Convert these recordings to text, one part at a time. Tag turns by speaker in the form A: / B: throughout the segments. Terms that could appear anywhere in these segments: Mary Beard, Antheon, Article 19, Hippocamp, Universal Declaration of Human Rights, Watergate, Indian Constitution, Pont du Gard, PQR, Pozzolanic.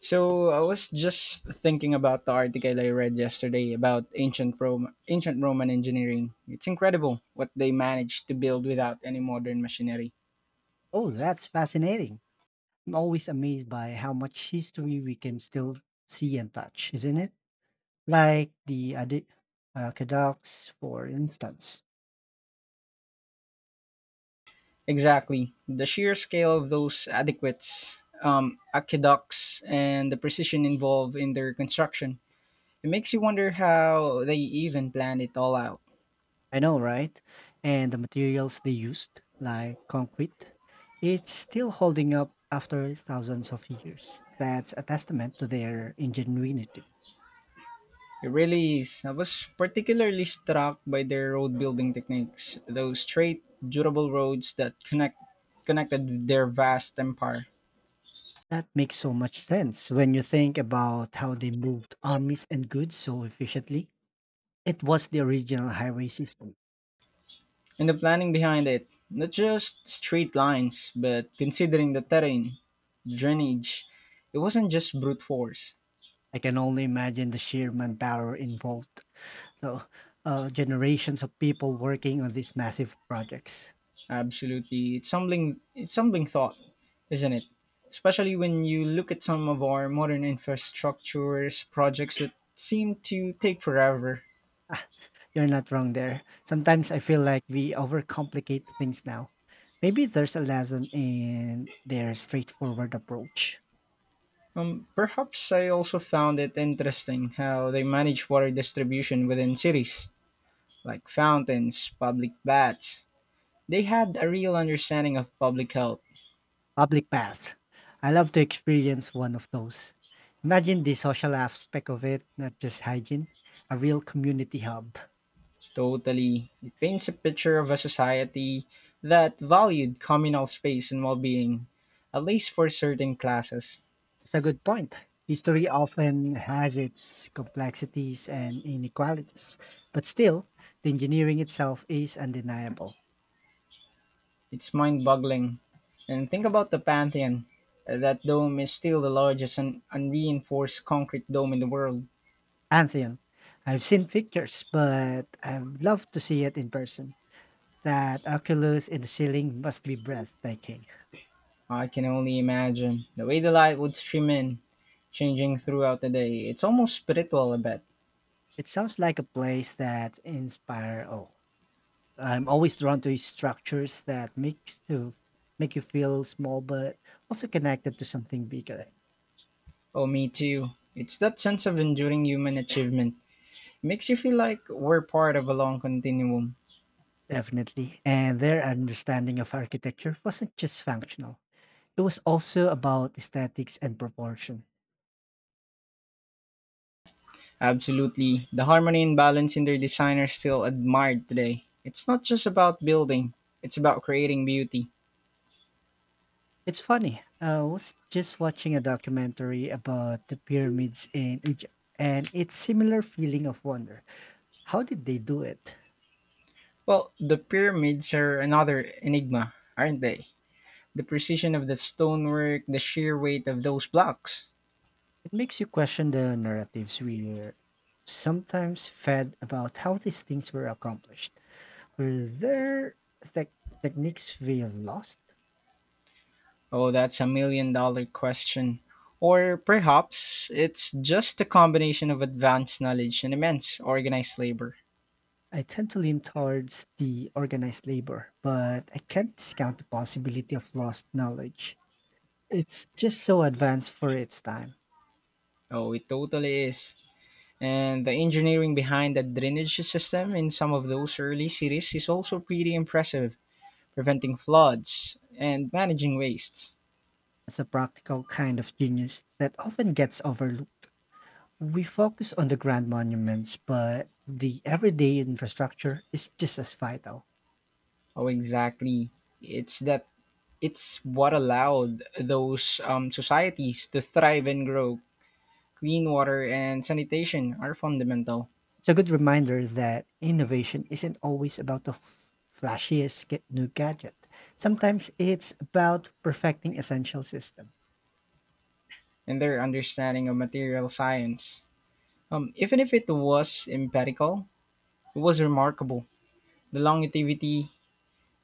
A: So I was just thinking about the article I read yesterday about ancient Rome, ancient Roman engineering. It's incredible what they managed to build without any modern machinery.
B: Oh, that's fascinating. I'm always amazed by how much history we can still see and touch, isn't it? Like the aqueducts, for instance.
A: Exactly, the sheer scale of those adequates, aqueducts, and the precision involved in their construction. It makes you wonder how they even planned it all out.
B: I know, right? And the materials they used, like concrete, it's still holding up after thousands of years. That's a testament to their ingenuity.
A: It really is. I was particularly struck by their road building techniques, those straight, durable roads that connected their vast empire.
B: That makes so much sense when you think about how they moved armies and goods so efficiently. It was the original highway system.
A: And the planning behind it, not just straight lines, but considering the terrain, drainage, it wasn't just brute force.
B: I can only imagine the sheer manpower involved. So, Generations of people working on these massive projects.
A: Absolutely. It's humbling thought, isn't it? Especially when you look at some of our modern infrastructures projects that seem to take forever.
B: Ah, you're not wrong there. Sometimes I feel like we overcomplicate things now. Maybe there's a lesson in their straightforward approach.
A: Perhaps I also found it interesting how they manage water distribution within cities, like fountains, public baths. They had a real understanding of public health.
B: Public baths. I love to experience one of those. Imagine the social aspect of it, not just hygiene, a real community hub.
A: Totally, it paints a picture of a society that valued communal space and well being, at least for certain classes.
B: It's a good point. History often has its complexities and inequalities, but still, the engineering itself is undeniable.
A: It's mind boggling. And think about the Pantheon. That dome is still the largest and unreinforced concrete dome in the world.
B: Antheon, I've seen pictures, but I'd love to see it in person. That oculus in the ceiling must be breathtaking.
A: I can only imagine the way the light would stream in, changing throughout the day. It's almost spiritual a bit.
B: It sounds like a place that inspire awe. I'm always drawn to structures that make you feel small, but also connected to something bigger.
A: Oh, me too. It's that sense of enduring human achievement. It makes you feel like we're part of a long continuum.
B: Definitely. And their understanding of architecture wasn't just functional. It was also about aesthetics and proportion.
A: Absolutely. The harmony and balance in their design are still admired today. It's not just about building, it's about creating beauty.
B: It's funny. I was just watching a documentary about the pyramids in Egypt, and it's similar feeling of wonder. How did they do it?
A: Well, the pyramids are another enigma, aren't they? The precision of the stonework, the sheer weight of those blocks.
B: It makes you question the narratives we're sometimes fed about how these things were accomplished. For their tech techniques we have lost?
A: Oh, that's a million dollar question. Or perhaps it's just a combination of advanced knowledge and immense organized labor.
B: I tend to lean towards the organized labor, but I can't discount the possibility of lost knowledge. It's just so advanced for its time.
A: Oh, it totally is. And the engineering behind the drainage system in some of those early cities is also pretty impressive, preventing floods and managing wastes.
B: It's a practical kind of genius that often gets overlooked. We focus on the grand monuments, but the everyday infrastructure is just as vital.
A: Oh, exactly. It's that it's what allowed those societies to thrive and grow. Clean water and sanitation are fundamental.
B: It's a good reminder that innovation isn't always about the new gadget. Sometimes it's about perfecting essential systems.
A: And their understanding of material science. Even if it was empirical, it was remarkable. The longevity,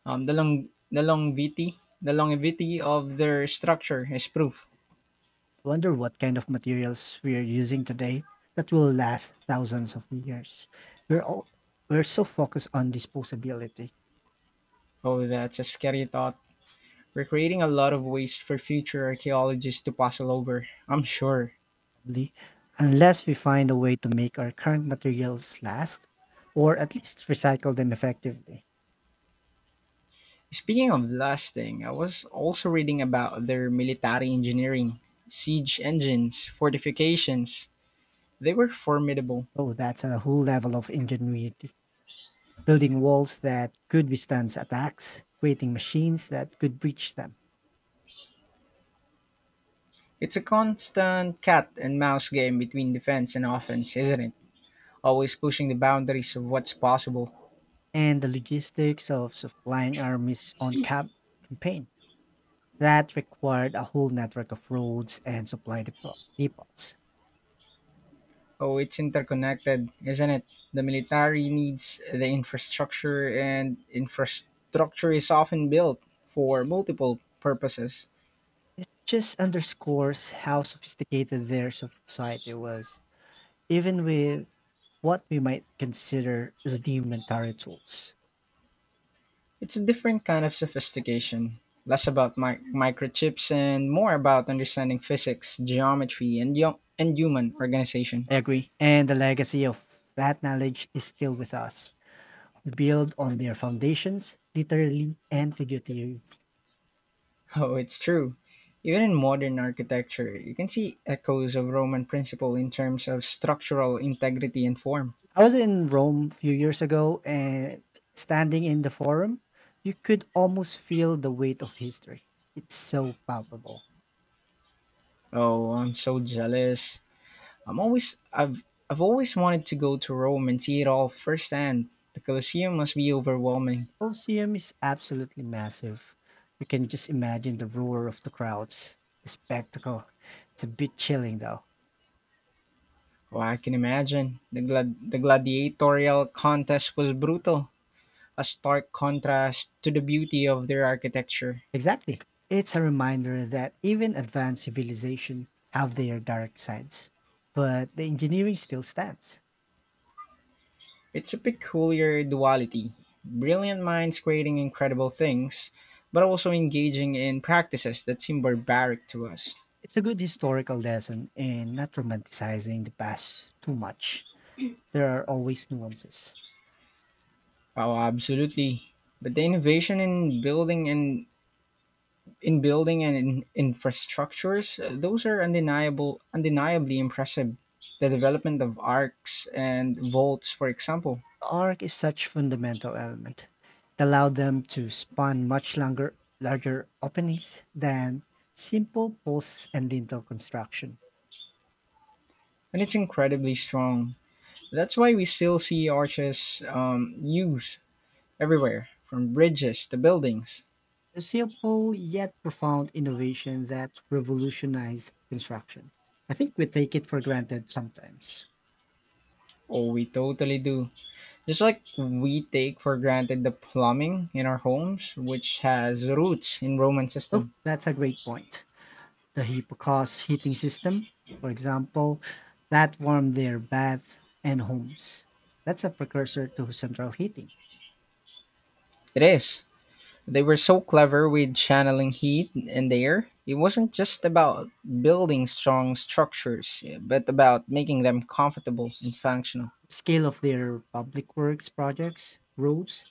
A: the longevity of their structure is proof.
B: Wonder what kind of materials we are using today that will last thousands of years. We're all, we're so focused on disposability,
A: Oh, that's a scary thought. We're creating a lot of waste for future archaeologists to puzzle over. I'm sure.
B: probably, unless we find a way to make our current materials last or at least recycle them effectively.
A: Speaking of lasting, I was also reading about their military engineering, siege engines, fortifications. They were formidable.
B: Oh, that's a whole level of ingenuity. Building walls that could withstand attacks, creating machines that could breach them,
A: It's a constant cat and mouse game between defense and offense, isn't it? Always pushing the boundaries of what's possible.
B: and the logistics of supplying armies on campaign. That required a whole network of roads and supply depots.
A: Oh, it's interconnected, isn't it? The military needs the infrastructure, and infrastructure is often built for multiple purposes.
B: Just underscores how sophisticated their society was, even with what we might consider rudimentary tools.
A: It's a different kind of sophistication, less about microchips and more about understanding physics, geometry, and human organization.
B: I agree. And the legacy of that knowledge is still with us. Build on their foundations, literally and figuratively.
A: Oh, it's true. Even in modern architecture, you can see echoes of Roman principle in terms of structural integrity and form.
B: I was in Rome a few years ago and standing in the forum, you could almost feel the weight of history. It's so palpable.
A: Oh, I'm so jealous. I'm always I've I've always wanted to go to Rome and see it all firsthand. The Colosseum must be overwhelming.
B: The Colosseum is absolutely massive. You can just imagine the roar of the crowds, the spectacle. It's a bit chilling though.
A: Oh, I can imagine. The gladiatorial contest was brutal, a stark contrast to the beauty of their architecture.
B: Exactly. It's a reminder that even advanced civilization have their dark sides, but the engineering still stands.
A: It's a peculiar duality brilliant minds creating incredible things, but also engaging in practices that seem barbaric to us.
B: It's a good historical lesson in not romanticizing the past too much. There are always nuances.
A: Oh, absolutely. But the innovation in building and in building and in infrastructures, those are undeniably impressive. The development of arcs and vaults, for example,
B: The arc is such fundamental element. It allowed them to spawn much longer, larger openings than simple posts and lintel construction.
A: and it's incredibly strong. That's why we still see arches used everywhere, from bridges to buildings.
B: A simple yet profound innovation that revolutionized construction. I think we take it for granted sometimes.
A: Oh, we totally do. Just like we take for granted the plumbing in our homes, which has roots in Roman
B: Oh,
A: system.
B: that's a great point. The Hippocamp's heating system, for example, that warmed their baths and homes. That's a precursor to central heating.
A: It is. They were so clever with channeling heat and air. It wasn't just about building strong structures, but about making them comfortable and functional.
B: Scale of their public works projects, roads,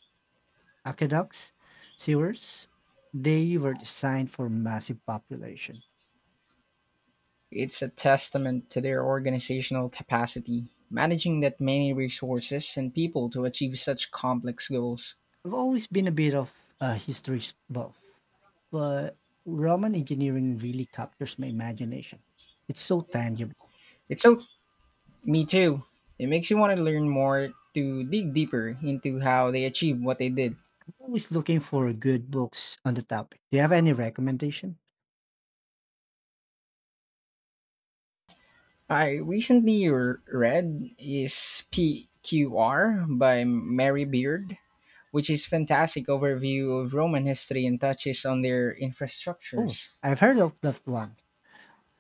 B: aqueducts, sewers, they were designed for massive population.
A: It's a testament to their organizational capacity, managing that many resources and people to achieve such complex goals.
B: I've always been a bit of a history buff, but Roman engineering really captures my imagination. It's so tangible.
A: It's so Me too. It makes you want to learn more to dig deeper into how they achieved what they did.
B: Always looking for good books on the topic. Do you have any recommendation?
A: I recently r- read is PQR by Mary Beard, which is fantastic overview of Roman history and touches on their
B: Oh,
A: infrastructures.
B: I've heard of that one.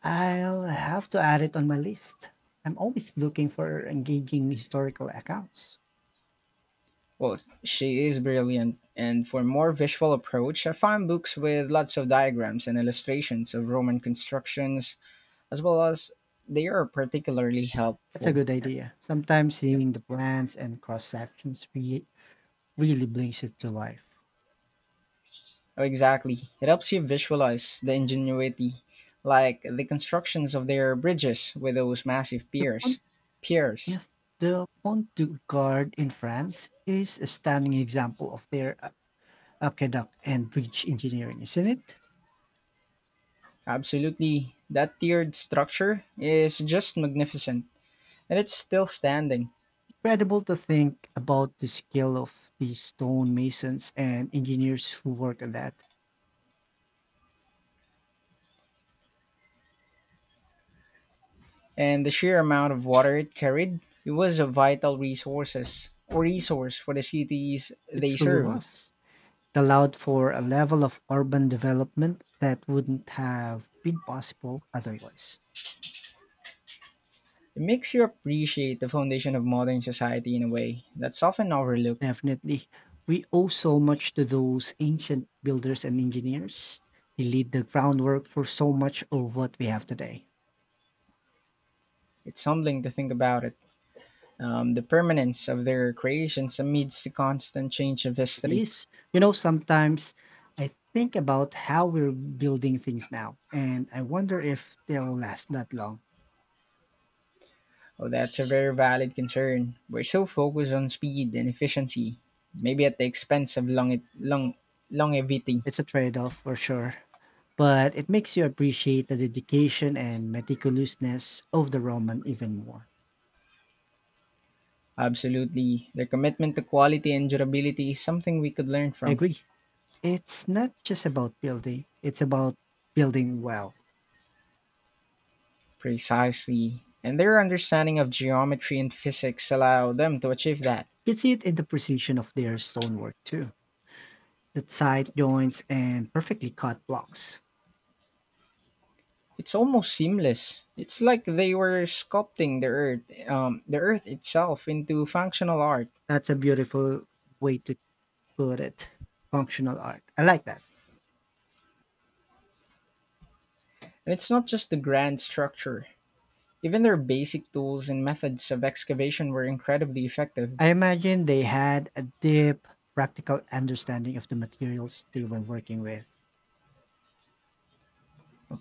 B: I'll have to add it on my list. I'm always looking for engaging historical accounts.
A: Well, she is brilliant. And for more visual approach, I found books with lots of diagrams and illustrations of Roman constructions, as well as they are particularly
B: That's a
A: helpful.
B: good idea. Sometimes seeing the plans and cross sections really brings it to life.
A: Oh, exactly. It helps you visualize the ingenuity, like the constructions of their bridges with those massive
B: The
A: piers.
B: fun.
A: Piers.
B: Yeah, the Pont du Gard in France is a stunning example of their aqueduct and bridge engineering, isn't it?
A: Absolutely. That tiered structure is just magnificent, and it's still standing.
B: Incredible to think about the skill of the stonemasons and engineers who worked on that.
A: And the sheer amount of water it carried, it was a vital resource for the cities
B: It
A: they
B: truly
A: served.
B: was. It allowed for a level of urban development that wouldn't have been possible otherwise.
A: It makes you appreciate the foundation of modern society in a way that's often overlooked.
B: Definitely. We owe so much to those ancient builders and engineers. They laid the groundwork for so much of what we have today.
A: It's humbling to think about it. The permanence of their creations amidst the constant change of
B: It
A: history.
B: is. You know, sometimes I think about how we're building things now, and I wonder if they'll last that long.
A: Oh, that's a very valid concern. We're so focused on speed and efficiency, maybe at the expense of longevity.
B: It's a trade off for sure, but it makes you appreciate the dedication and meticulousness of the Roman even more.
A: Absolutely. Their commitment to quality and durability is something we could learn
B: I
A: from.
B: agree. It's not just about building, it's about building well.
A: Precisely. And their understanding of geometry and physics allow them to achieve that.
B: You can see it in the precision of their stonework too, the side joints and perfectly cut blocks.
A: It's almost seamless. It's like they were sculpting the earth itself into functional art.
B: That's a beautiful way to put it functional art. I like that.
A: And it's not just the grand structure. Even their basic tools and methods of excavation were incredibly effective.
B: I imagine they had a deep practical understanding of the materials they were working with.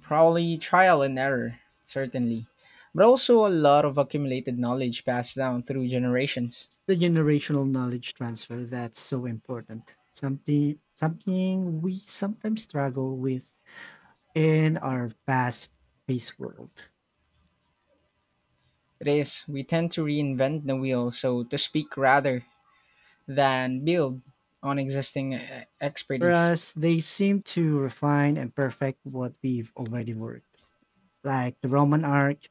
A: Probably trial and error, certainly, but also a lot of accumulated knowledge passed down through generations.
B: It's the generational knowledge transfer that's so important. Something we sometimes struggle with in our fast paced world.
A: It is, we tend to reinvent the wheel, so to speak, rather than build on existing expertise.
B: Whereas they seem to refine and perfect what we've already worked. Like the Roman arch,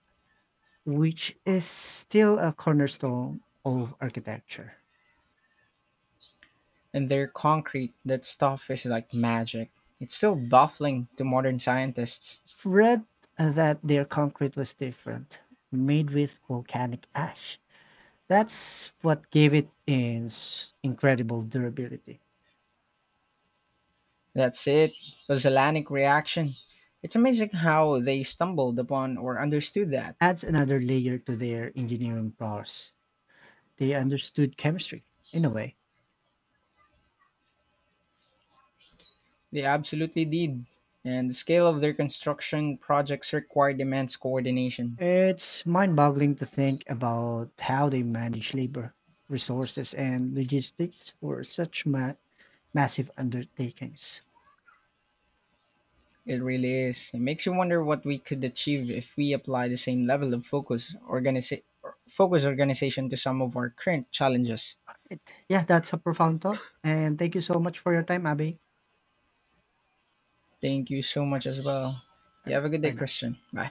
B: which is still a cornerstone of architecture.
A: And their concrete, that stuff is like magic. It's still baffling to modern scientists.
B: Read that their concrete was different, made with volcanic ash. That's what gave it its incredible durability.
A: That's it. Pozzolanic reaction. It's amazing how they stumbled upon or understood that.
B: Adds another layer to their engineering prowess. They understood chemistry, in a way.
A: They absolutely did. And the scale of their construction projects required immense coordination.
B: It's mind boggling to think about how they manage labor, resources, and logistics for such massive undertakings.
A: It really is. It makes you wonder what we could achieve if we apply the same level of focus organization to some of our current challenges.
B: Right. Yeah, that's a profound thought. And thank you so much for your time, Abby.
A: Thank you so much as well. You have a good day,
B: Bye now.
A: Christian. Bye.